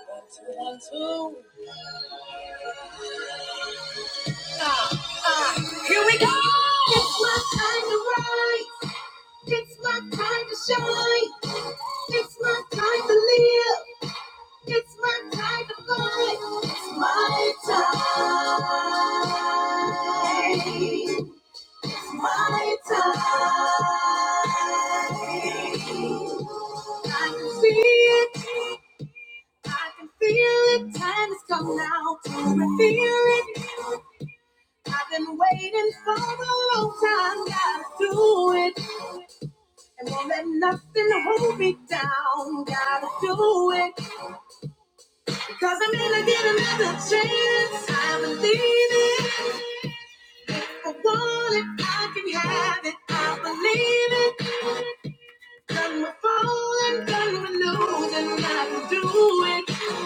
One, two. Uh, uh, Here we go! It's my time to rise. It's my time to shine. It's my time to live. It's my time to fight. It's my time. It's my time. I can see it. I can feel it. Time has come now. I feel it. I've been waiting for a long time, gotta do it. And won't let nothing hold me down, gotta do it. Because I'm gonna get another chance, I believe it. If I want it, I can have it, I believe it. Done with falling, done with losing, I can do it.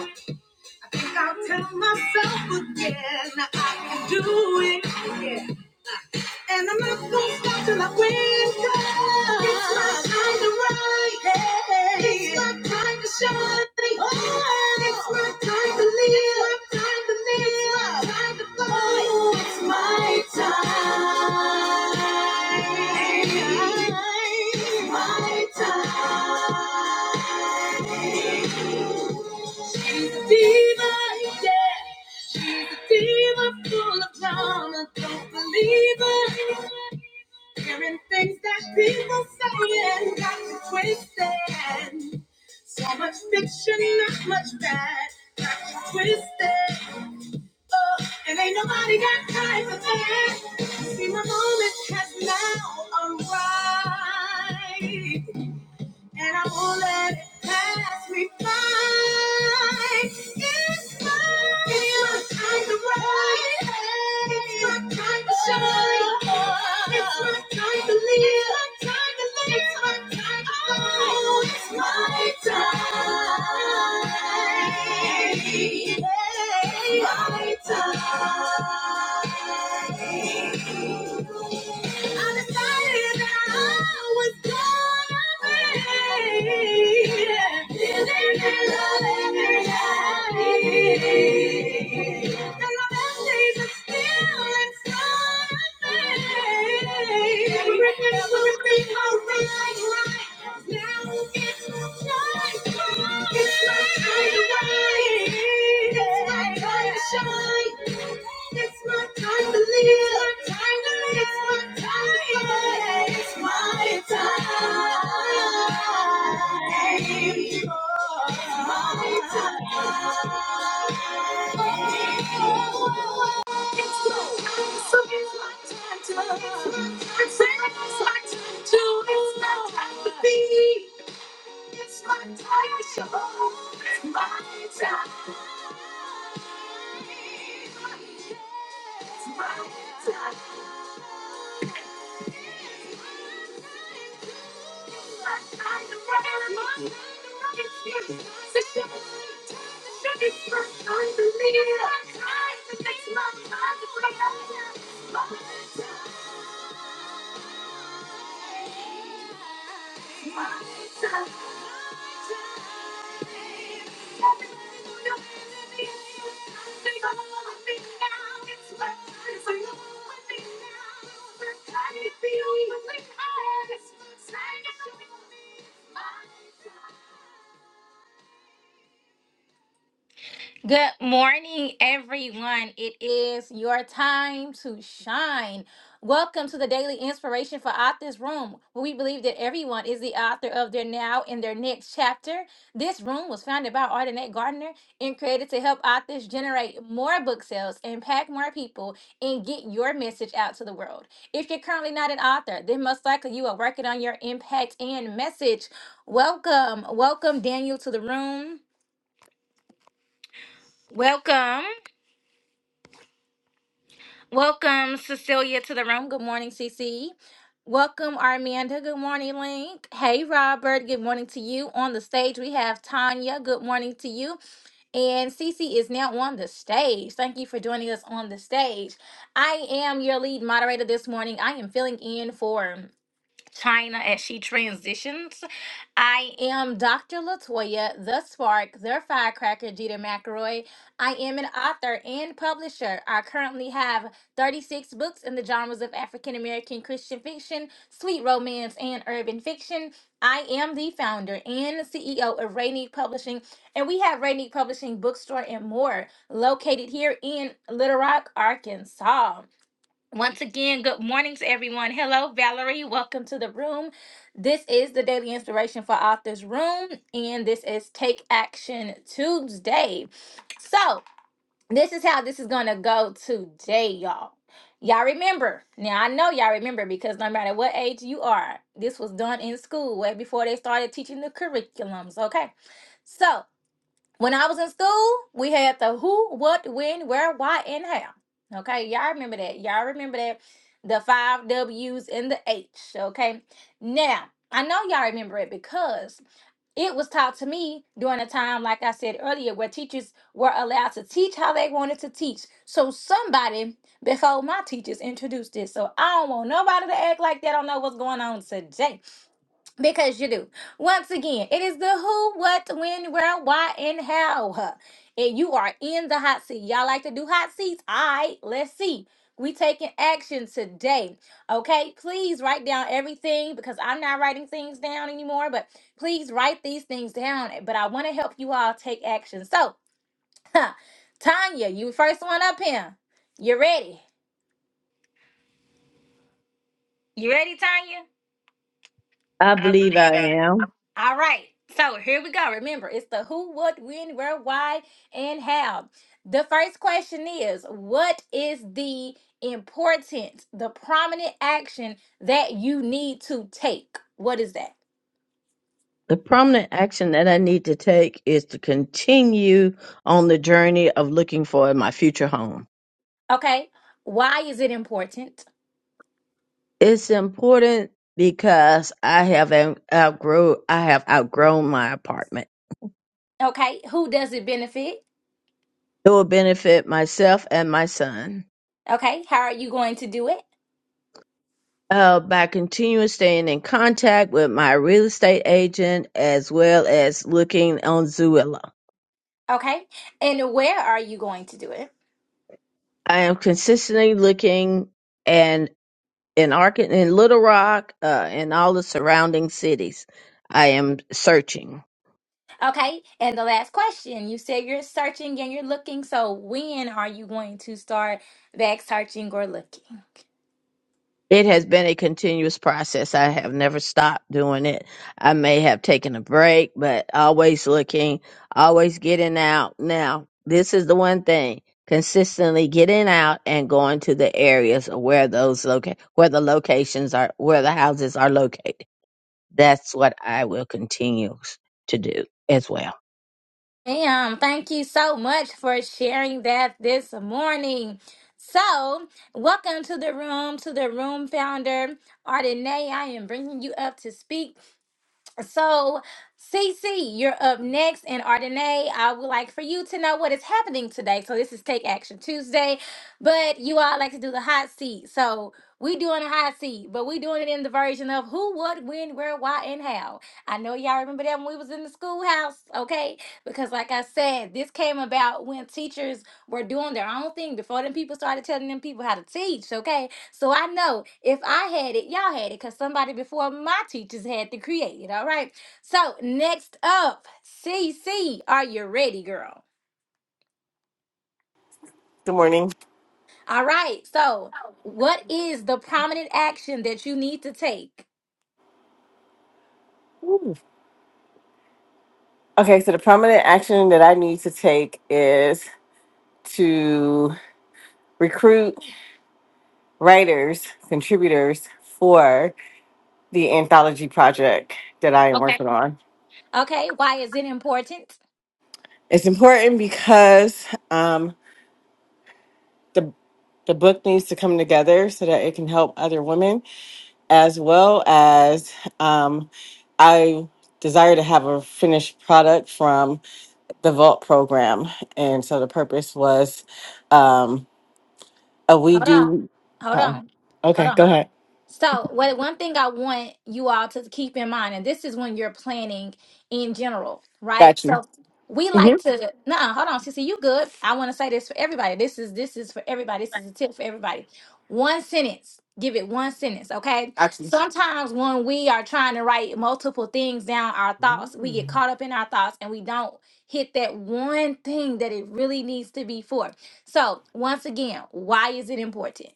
I think I'll tell myself again that I can do it. Yeah. And I'm not gonna stop till I win. It's my time to rise. Hey. It's my time to shine. Oh. It's my time to live. It's My time to live. It's My time to fight. Oh, it's my time. It's my time. She's a diva, yeah. She's a diva full of drama. Don't believe her. Hearing things that people saying got you twisted. So much fiction, not much fact. Got you twisted. Oh, and ain't nobody got time for that. See, my moment has now arrived and I won't let it pass me by. It's my, it's my time to rise. It's my time to shine. It's my time to live. It's my time to live. It's my time to Oh, it's my time. It's my time. Right now. It's my time to be. It's my time show. It's my time. It's my time. My time to run. It's the show. It's my time to live. It's my time to make my time to run. it's My time. My time. Take a look at me now. It's my time. Take a look at me now. Every time it feels really hard. It's my time. Good morning, everyone. It is your time to shine. Welcome to the Daily Inspiration for Authors Room, where we believe that everyone is the author of their now and their next chapter. This room was founded by Ardenette Gardner and created to help authors generate more book sales, impact more people, and get your message out to the world. If you're currently not an author, then most likely you are working on your impact and message. Welcome, welcome, Daniel, to the room. Welcome. Welcome, Cecilia, to the room. Good morning, CC. Welcome, Armanda. Good morning, Link. Hey, Robert. Good morning to you. On the stage, we have Tanya. Good morning to you. And CC is now on the stage. Thank you for joining us on the stage. I am your lead moderator this morning. I am filling in for China as she transitions. I am Dr. Latoya, the Spark, the Firecracker, Jeter McElroy. I am an author and publisher. I currently have 36 books in the genres of African American Christian fiction, sweet romance, and urban fiction. I am the founder and CEO of Rainy Publishing, and we have Rainy Publishing Bookstore and more located here in Little Rock, Arkansas. Once again, good mornings, everyone. Hello, Valerie. Welcome to the room. This is the Daily Inspiration for Authors Room, and this is Take Action Tuesday. So, this is how this is going to go today, y'all. Y'all remember. Now, I know y'all remember because no matter what age you are, this was done in school way before they started teaching the curriculums, okay? So, when I was in school, we had the who, what, when, where, why, and how. Okay, y'all remember that. Y'all remember that. The five W's and the H. Okay, now I know y'all remember it because it was taught to me during a time, like I said earlier, where teachers were allowed to teach how they wanted to teach. So somebody before my teachers introduced this. So I don't want nobody to act like they don't know what's going on today. Because you do. Once again, it is the who, what, when, where, why, and how. And you are in the hot seat. Y'all like to do hot seats? All right, let's see. We taking action today. Okay, please write down everything because I'm not writing things down anymore, but please write these things down. But I want to help you all take action. So, Tanya, you first one up here. You ready? You ready, Tanya? I believe I am. All right. So here we go. Remember, it's the who, what, when, where, why, and how. The first question is What is the important, the prominent action that you need to take? What is that? The prominent action that I need to take is to continue on the journey of looking for my future home. Okay. Why is it important? It's important because I have out- outgrow I have outgrown my apartment. Okay. Who does it benefit? It will benefit myself and my son. Okay. How are you going to do it? Uh, by continuing staying in contact with my real estate agent as well as looking on Zillow, Okay. And where are you going to do it? I am consistently looking and. in Ark in Little Rock, uh, and all the surrounding cities. I am searching. Okay, and the last question, you said you're searching and you're looking, so when are you going to start back searching or looking? It has been a continuous process. I have never stopped doing it. I may have taken a break, but always looking, always getting out. Now, this is the one thing: consistently getting out and going to the areas where those loca- where the locations are, where the houses are located. That's what I will continue to do as well. Ma'am, thank you so much for sharing that this morning. So, welcome to the room, to the room founder, Ardenae. I am bringing you up to speak. So, Cece, you're up next, and Ardenae, I would like for you to know what is happening today. So this is Take Action Tuesday, but you all like to do the hot seat. So we doing a hot seat, but we doing it in the version of who, what, when, where, why, and how. I know y'all remember that when we was in the schoolhouse, okay? Because like I said, this came about when teachers were doing their own thing before them people started telling them people how to teach, okay? So I know if I had it, y'all had it, because somebody before my teachers had to create it. All right. So next up, CC, are you ready, girl? Good morning. All right. So what is the prominent action that you need to take? Ooh. Okay, so the prominent action that I need to take is to recruit writers, contributors for the anthology project that I am Okay. working on. Okay. Why is it important? It's important because um, the the book needs to come together so that it can help other women, as well as um, I desire to have a finished product from the Vault program, and so the purpose was. Um, Uh, we Hold on. do. Hold Uh, on. Hold okay, go on. ahead. So, what one thing I want you all to keep in mind, and this is when you're planning in general, right? Got you. So, we hmm like to no, hold on, Sissy, you good? I want to say this for everybody. This is this is for everybody. This is a tip for everybody. One sentence. Give it one sentence, okay? Got you. Sometimes when we are trying to write multiple things down, our thoughts, we get caught up in our thoughts and we don't hit that one thing that it really needs to be for. So, once again, why is it important?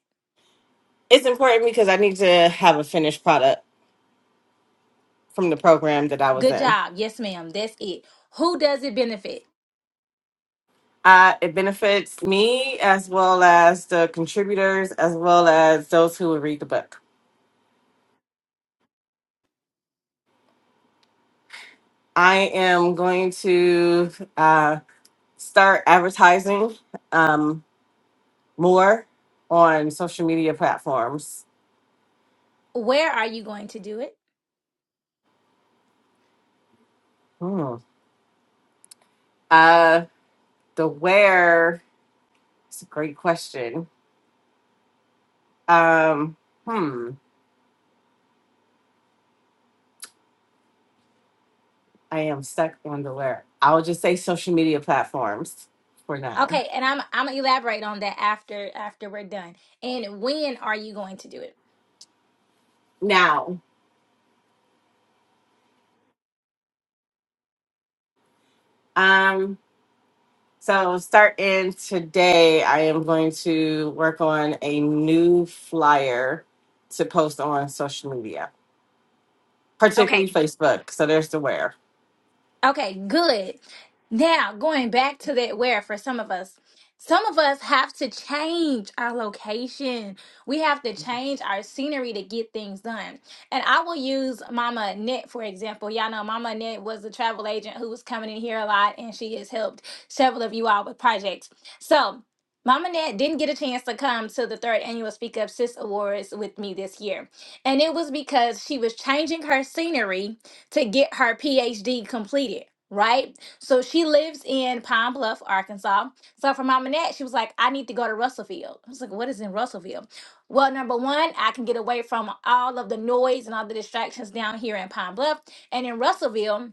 It's important because I need to have a finished product from the program that I was Good in. job. Yes, ma'am. That's it. Who does it benefit? Uh, it benefits me as well as the contributors, as well as those who will read the book. I am going to uh, start advertising um, more on social media platforms. Where are you going to do it? Hmm. Uh, the where, it's a great question. Um, hmm. I am stuck on the where. I will just say social media platforms for now. Okay, and I'm I'm gonna elaborate on that after after we're done. And when are you going to do it? Now, um, so starting today, I am going to work on a new flyer to post on social media, Okay. particularly Facebook. So there's the where. Okay, good. Now, going back to that where for some of us, some of us have to change our location. We have to change our scenery to get things done. And I will use Mama Annette, for example. Y'all know Mama Annette was a travel agent who was coming in here a lot, and she has helped several of you all with projects. So, Mama Annette didn't get a chance to come to the third annual Speak Up Sis Awards with me this year. And it was because she was changing her scenery to get her PhD completed, right? So she lives in Pine Bluff, Arkansas. So for Mama Nat, she was like, I need to go to Russellville." I was like, what is in Russellville?" Well, number one, I can get away from all of the noise and all the distractions down here in Pine Bluff. And in Russellville,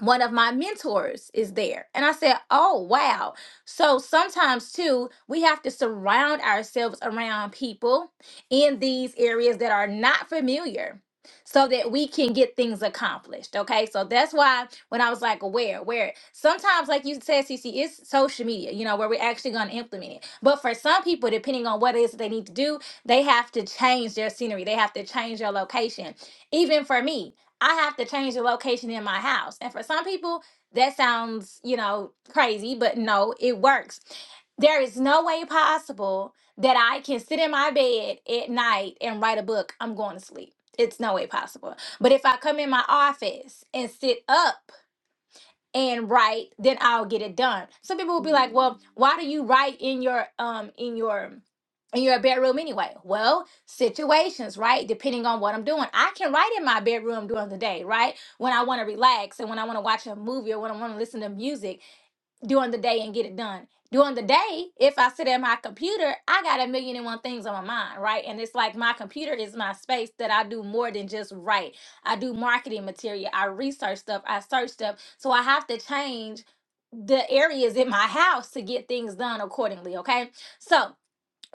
one of my mentors is there. And I said, Oh, wow. So sometimes, too, we have to surround ourselves around people in these areas that are not familiar so that we can get things accomplished. Okay. So that's why when I was like, where, where, sometimes, like you said, CC, it's social media, you know, where we're actually going to implement it. But for some people, depending on what it is that they need to do, they have to change their scenery, they have to change their location. Even for me, I have to change the location in my house. And for some people, that sounds, you know, crazy, but no, it works. There is no way possible that I can sit in my bed at night and write a book. I'm going to sleep it's no way possible. But if I come in my office and sit up and write, then I'll get it done. Some people will be like, "Well, why do you write in your um in your in your bedroom anyway?" Well, situations, right? Depending on what I'm doing, I can write in my bedroom during the day, right? When I want to relax and when I want to watch a movie or when I want to listen to music during the day and get it done. During the day, if I sit at my computer, I got a million and one things on my mind, right? And it's like my computer is my space that I do more than just write. I do marketing material, I research stuff, I search stuff. So I have to change the areas in my house to get things done accordingly, okay? So,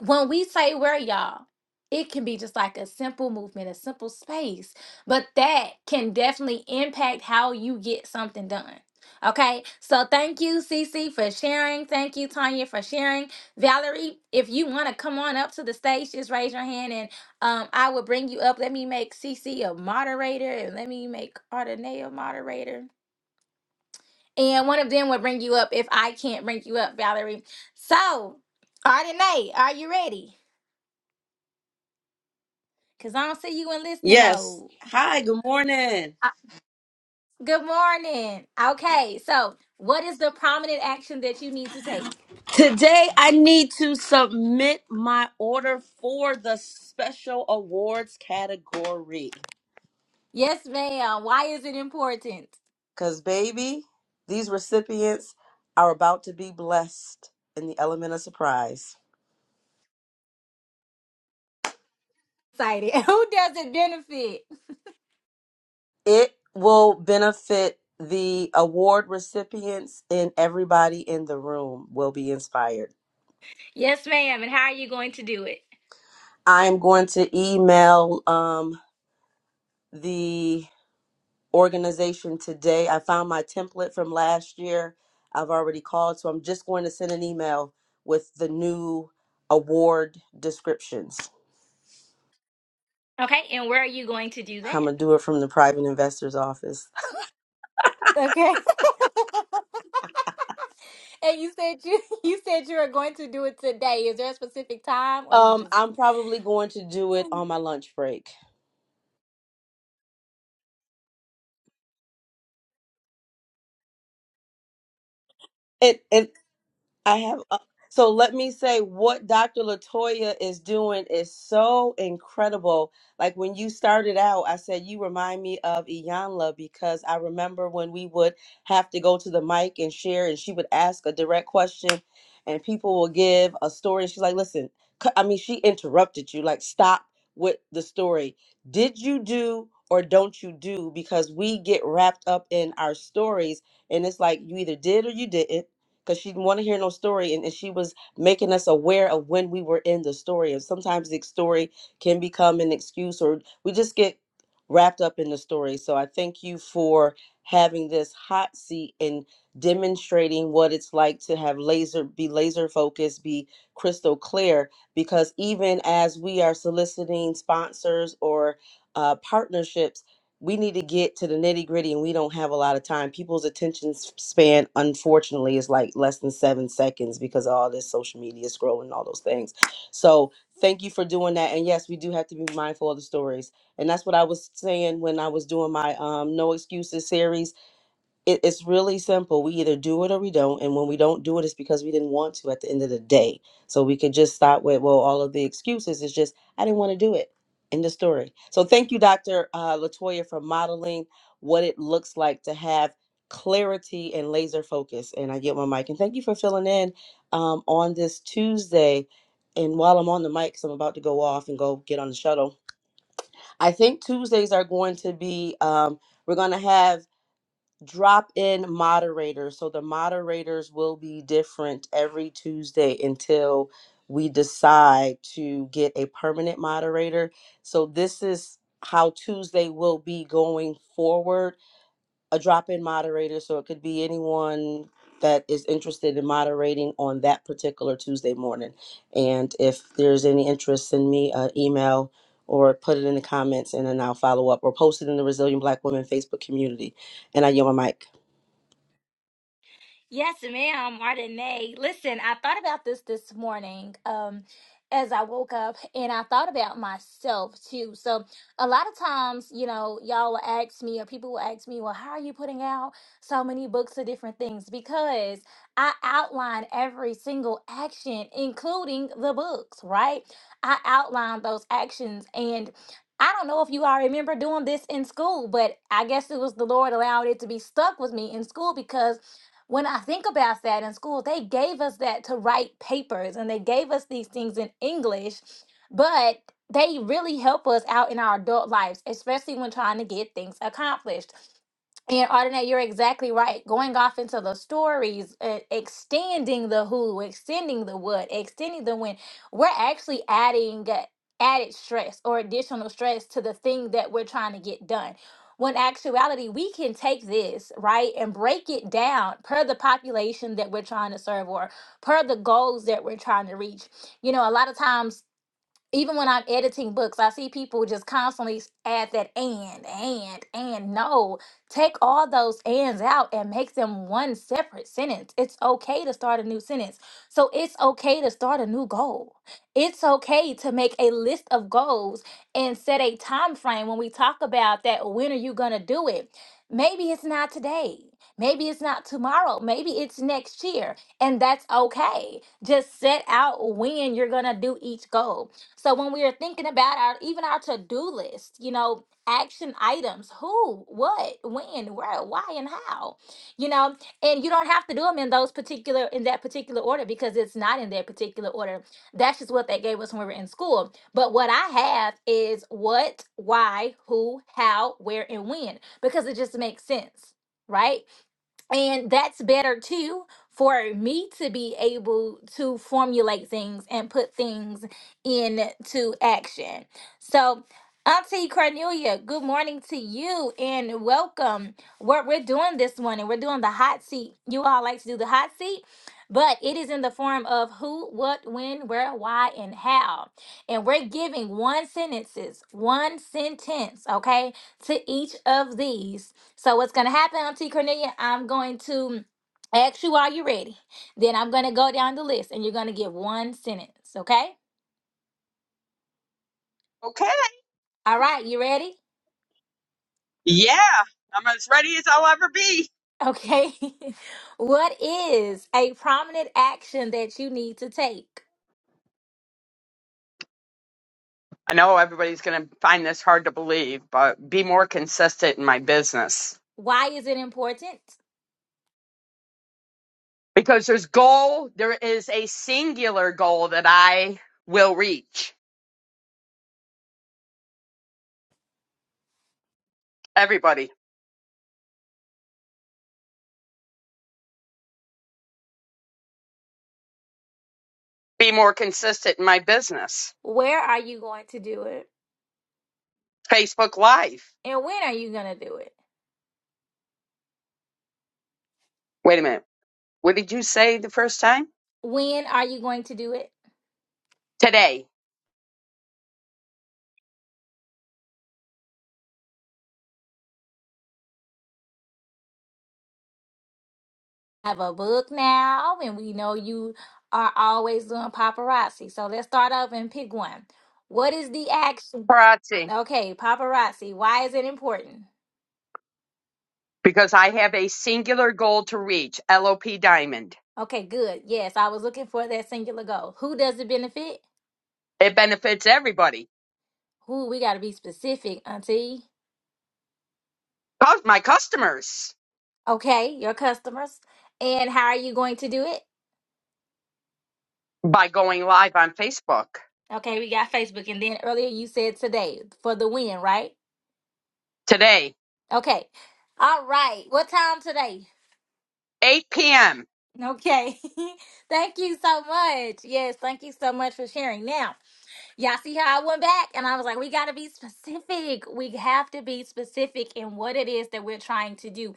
when we say where y'all it can be just like a simple movement a simple space but that can definitely impact how you get something done okay so thank you cc for sharing thank you tanya for sharing valerie if you want to come on up to the stage just raise your hand and um, i will bring you up let me make cc a moderator and let me make Ardenae a moderator and one of them will bring you up if i can't bring you up valerie so Ardenae, are you ready Cause I don't see you in listening Yes. mode. Hi, good morning. Uh, Good morning. Okay, so what is the prominent action that you need to take? Today I need to submit my order for the special awards category. Yes, ma'am. Why is it important? Because, baby, these recipients are about to be blessed in the element of surprise. Excited. Who does it benefit? It will benefit the award recipients, and everybody in the room will be inspired. Yes, ma'am. And how are you going to do it? I'm going to email um, the organization today. I found my template from last year. I've already called, so I'm just going to send an email with the new award descriptions. Okay, and where are you going to do I'm that? gonna do it from the private investor's office. Okay. and you said you you said you were going to do it today. Is there a specific time, or you Um, just I'm probably going to do it on my lunch break. And, and I have. uh, So let me say what Dr. Latoya is doing is so incredible. Like when you started out, I said you remind me of Iyanla because I remember when we would have to go to the mic and share, and she would ask a direct question, and people will give a story. She's like, "Listen," c- I mean, she interrupted you, like, "Stop with the story. Did you do or don't you do?" Because we get wrapped up in our stories, and it's like you either did or you didn't because she didn't want to hear no story and, and she was making us aware of when we were in the story and sometimes the story can become an excuse or we just get wrapped up in the story so i thank you for having this hot seat and demonstrating what it's like to have laser be laser focused be crystal clear because even as we are soliciting sponsors or uh, partnerships we need to get to the nitty gritty and we don't have a lot of time. People's attention s- span, unfortunately, is like less than seven seconds because of all this social media scrolling and all those things. So thank you for doing that. And yes, we do have to be mindful of the stories. And that's what I was saying when I was doing my um, No Excuses series it, it's really simple. We either do it or we don't. And when we don't do it, it's because we didn't want to at the end of the day. So we could just stop with, well, all of the excuses. It's just, I didn't want to do it. End of story. So thank you, Dr. Uh, Latoya, for modeling what it looks like to have clarity and laser focus. And I get my mic. And thank you for filling in um, on this Tuesday. And while I'm on the mic, 'cause I'm about to go off and go get on the shuttle. I think Tuesdays are going to be, um, we're going to have drop in moderators. So the moderators will be different every Tuesday until we decide to get a permanent moderator. So this is how Tuesday will be going forward a drop-in moderator so it could be anyone that is interested in moderating on that particular tuesday morning and if there's any interest send me an email or put it in the comments and then i'll follow up or post it in the resilient black women facebook community and i yield my mic Yes, ma'am, Martinez. Listen, I thought about this this morning um, as I woke up, and I thought about myself too. So, a lot of times, you know, y'all will ask me, or people will ask me, well, how are you putting out so many books of different things? Because I outline every single action, including the books, right? I outline those actions. And I don't know if you all remember doing this in school, but I guess it was the Lord allowing it to be stuck with me in school because when I think about that in school, they gave us that to write papers and they gave us these things in English, but they really help us out in our adult lives, especially when trying to get things accomplished. And Ardenette, you're exactly right. Going off into the stories, uh, extending the who, extending the what, extending the when, we're actually adding uh, added stress or additional stress to the thing that we're trying to get done. When actuality, we can take this, right, and break it down per the population that we're trying to serve or per the goals that we're trying to reach. You know, a lot of times even when I'm editing books, I see people just constantly add that and, and, and. No, take all those ands out and make them one separate sentence. It's okay to start a new sentence. So it's okay to start a new goal. It's okay to make a list of goals and set a time frame when we talk about that. When are you going to do it? Maybe it's not today. Maybe it's not tomorrow. Maybe it's next year. And that's okay. Just set out when you're going to do each goal so when we are thinking about our even our to-do list, you know, action items, who, what, when, where, why, and how, you know, and you don't have to do them in those particular in that particular order because it's not in that particular order. That's just what they gave us when we were in school. But what I have is what, why, who, how, where, and when because it just makes sense, right? and that's better too for me to be able to formulate things and put things into action. So, Auntie Cornelia, good morning to you and welcome. What we're doing this morning, we're doing the hot seat. You all like to do the hot seat, but it is in the form of who, what, when, where, why, and how. And we're giving one sentences, one sentence, okay, to each of these so what's gonna happen, Auntie Cornelia? I'm going to ask you are you ready? Then I'm gonna go down the list and you're gonna get one sentence, okay? Okay. All right, you ready? Yeah, I'm as ready as I'll ever be. Okay. what is a prominent action that you need to take? I know everybody's going to find this hard to believe, but be more consistent in my business Why is it important? because there's goal. There is a singular goal that I will reach. Everybody, be more consistent in my business. Where are you going to do it? Facebook Live. And when are you gonna do it? Wait a minute. What did you say the first time? When are you going to do it? Today. I have a book now, and we know you are always doing paparazzi. So let's start off and pick one. What is the action? Parazzi. Okay, paparazzi. Why is it important? Because I have a singular goal to reach, LOP Diamond. Okay, good. Yes, I was looking for that singular goal. Who does it benefit? It benefits everybody. Who? We got to be specific, Auntie. Cus- My customers. Okay, your customers. And how are you going to do it? by going live on Facebook Okay, we got Facebook. And then earlier you said today for the win, right? today, Okay. All right. What time today? 8 p.m. Okay. thank you so much. Yes, thank you so much for sharing. Now, Y'all see how I went back and I was like, we got to be specific. We have to be specific in what it is that we're trying to do.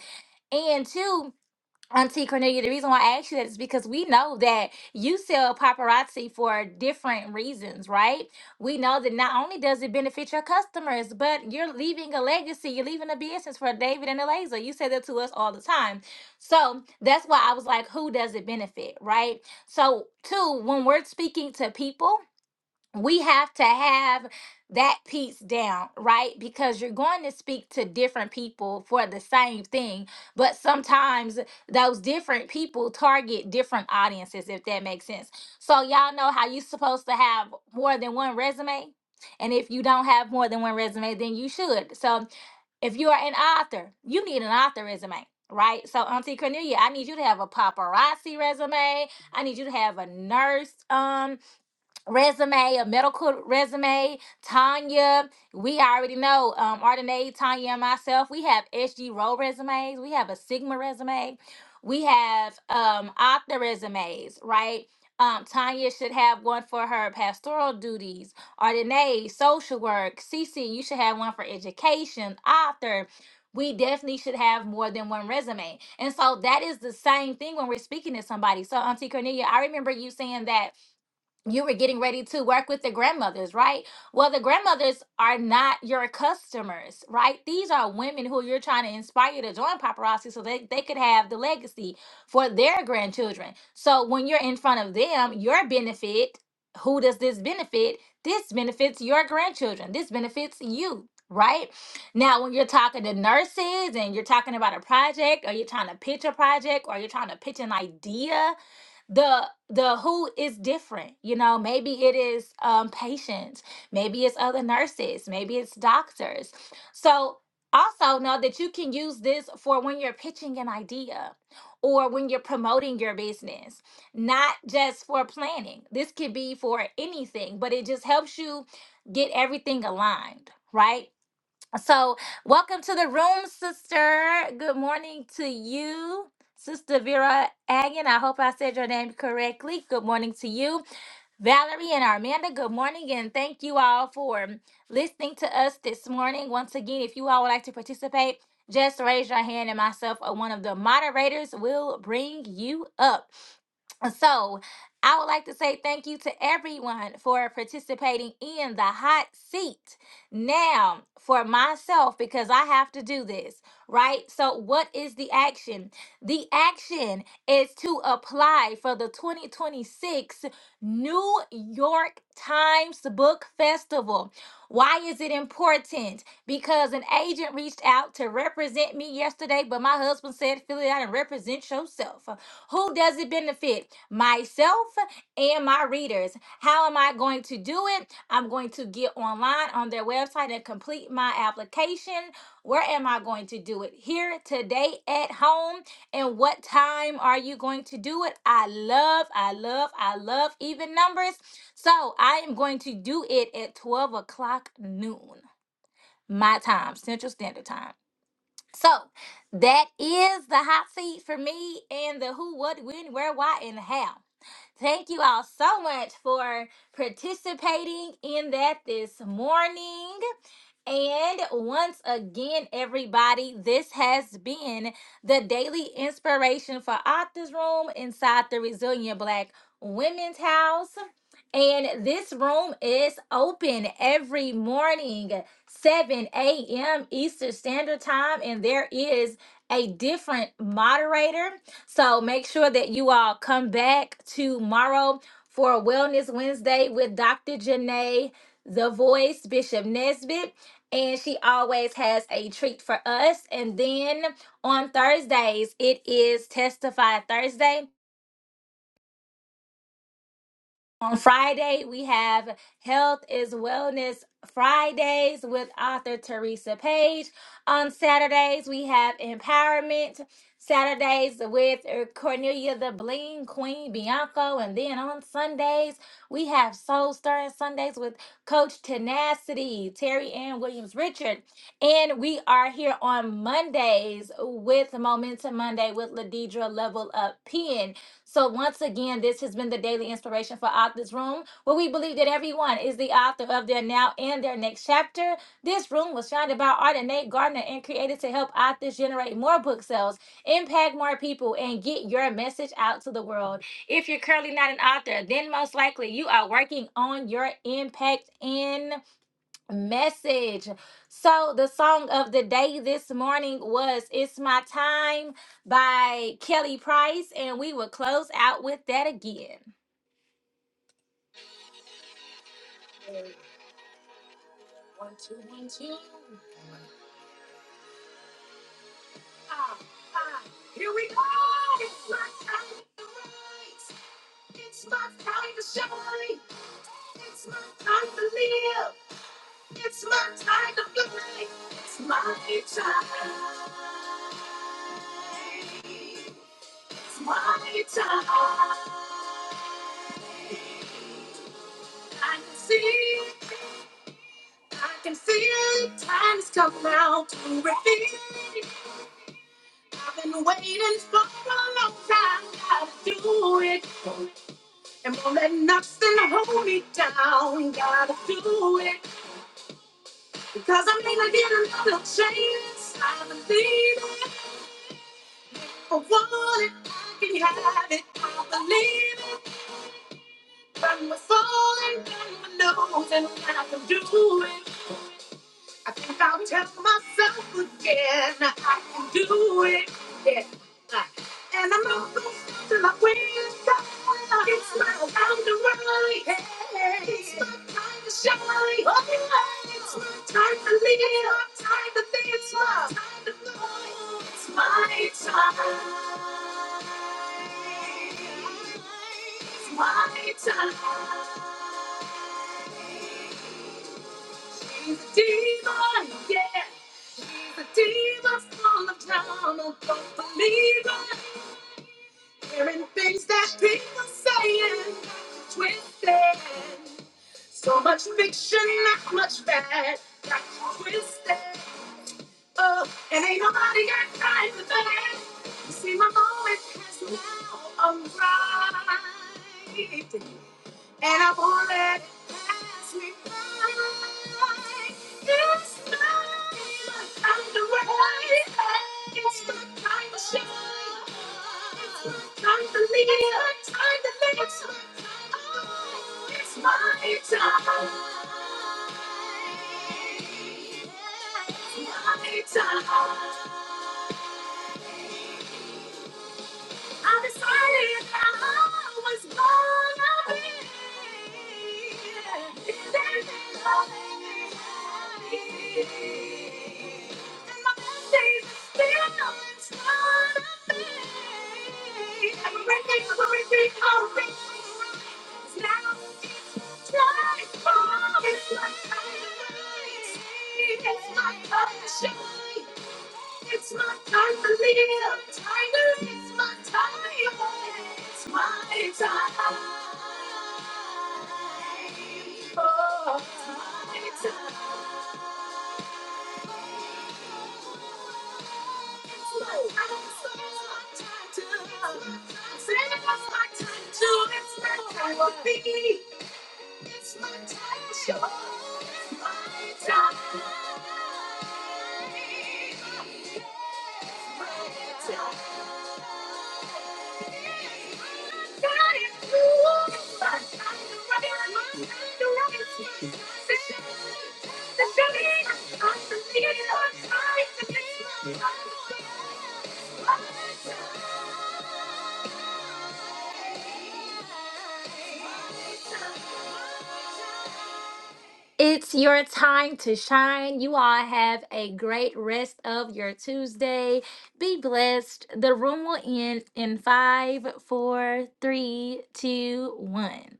And two, Auntie Cornelia, the reason why I asked you that is because we know that you sell paparazzi for different reasons, right? We know that not only does it benefit your customers, but you're leaving a legacy. You're leaving a business for David and Eliza. You say that to us all the time. So that's why I was like, who does it benefit, right? So, two, when we're speaking to people, we have to have that piece down, right? Because you're going to speak to different people for the same thing, but sometimes those different people target different audiences, if that makes sense. So, y'all know how you're supposed to have more than one resume. And if you don't have more than one resume, then you should. So, if you are an author, you need an author resume. Right, so Auntie Cornelia, I need you to have a paparazzi resume. I need you to have a nurse um resume, a medical resume. Tanya, we already know, um, Ardenae, Tanya, and myself, we have SG Row resumes, we have a Sigma resume, we have um, Octa resumes, right? Um, Tanya should have one for her pastoral duties. Ardenae, social work. Cece, you should have one for education. Author, we definitely should have more than one resume. And so that is the same thing when we're speaking to somebody. So, Auntie Cornelia, I remember you saying that you were getting ready to work with the grandmothers, right? Well, the grandmothers are not your customers, right? These are women who you're trying to inspire to join paparazzi so they, they could have the legacy for their grandchildren. So when you're in front of them, your benefit, who does this benefit? This benefits your grandchildren. This benefits you. Right now, when you're talking to nurses and you're talking about a project, or you're trying to pitch a project, or you're trying to pitch an idea, the the who is different you know maybe it is um patients maybe it's other nurses maybe it's doctors so also know that you can use this for when you're pitching an idea or when you're promoting your business not just for planning this could be for anything but it just helps you get everything aligned right so, welcome to the room, sister. Good morning to you, Sister Vera Agin. I hope I said your name correctly. Good morning to you, Valerie and Armanda. Good morning, and thank you all for listening to us this morning. Once again, if you all would like to participate, just raise your hand, and myself or one of the moderators will bring you up. So, I would like to say thank you to everyone for participating in the hot seat. Now, for myself, because I have to do this, right? So, what is the action? The action is to apply for the 2026 New York Times Book Festival. Why is it important? Because an agent reached out to represent me yesterday, but my husband said, "Fill it out and represent yourself. Who does it benefit? Myself and my readers. How am I going to do it? I'm going to get online on their website and complete my application. Where am I going to do it? Here, today, at home. And what time are you going to do it? I love, I love, I love even numbers. So I am going to do it at 12 o'clock noon, my time, Central Standard Time. So that is the hot seat for me and the who, what, when, where, why, and how. Thank you all so much for participating in that this morning. And once again, everybody, this has been the daily inspiration for Octa's Room inside the Resilient Black Women's House. And this room is open every morning, 7 a.m. Eastern Standard Time, and there is a different moderator. So make sure that you all come back tomorrow for Wellness Wednesday with Dr. Janae, the voice, Bishop Nesbitt and she always has a treat for us. And then on Thursdays, it is Testify Thursday On Friday, we have Health is Wellness Fridays with author Teresa Page. On Saturdays, we have Empowerment Saturdays with Cornelia the Bling Queen Bianco. And then on Sundays, we have Soul Stirring Sundays with Coach Tenacity, Terry Ann Williams Richard. And we are here on Mondays with Momentum Monday with Ladidra Level Up Pen. So, once again, this has been the daily inspiration for Authors Room, where we believe that everyone is the author of their now and their next chapter. This room was founded by Art and Nate Gardner and created to help authors generate more book sales, impact more people, and get your message out to the world. If you're currently not an author, then most likely you are working on your impact and message. So the song of the day this morning was It's My Time by Kelly Price and we will close out with that again. Two, five, five. Here we go. It's my time to rise. It's my time to shine. It's my time to live. It's my time to fly. It's my time. It's my time. I can see, I can see it. Time has come now to repeat. I've been waiting for a long time. Gotta do it, and won't let nothing hold me down. Gotta do it, because I'm gonna get another chance. I believe for want it, I can have it. I believe when we're falling, when we're losing, I can do it. I think I'll tell myself again I can do it. Yeah. And I'm not gonna stop till I win. It's my time to rise. Hey. It's my time to shine. Oh, yeah. It's my time to live. It's my time to think. It's my time to know. It's my time. It's my time. She's a demon, yeah. The demons all the time. I don't believe it. hearing things that people saying, twisted. So much fiction, not much fact. Got you twisted. Oh, and ain't nobody got time for that. See, my moment has now arrived and I won't let it pass me by. It's time. I'm the way. It's my time to shine. It's my time to lead. It's my time to live. It's my time. It's my time. It's my time. I decided that I was gonna be living loving and happy. And my best days are still in front of me. Everything, everything, everything. is now. It's my time to, it's my time to be. It's my time It's my time. It's my time. It's your time to shine. You all have a great rest of your Tuesday. Be blessed. The room will end in five, four, three, two, one.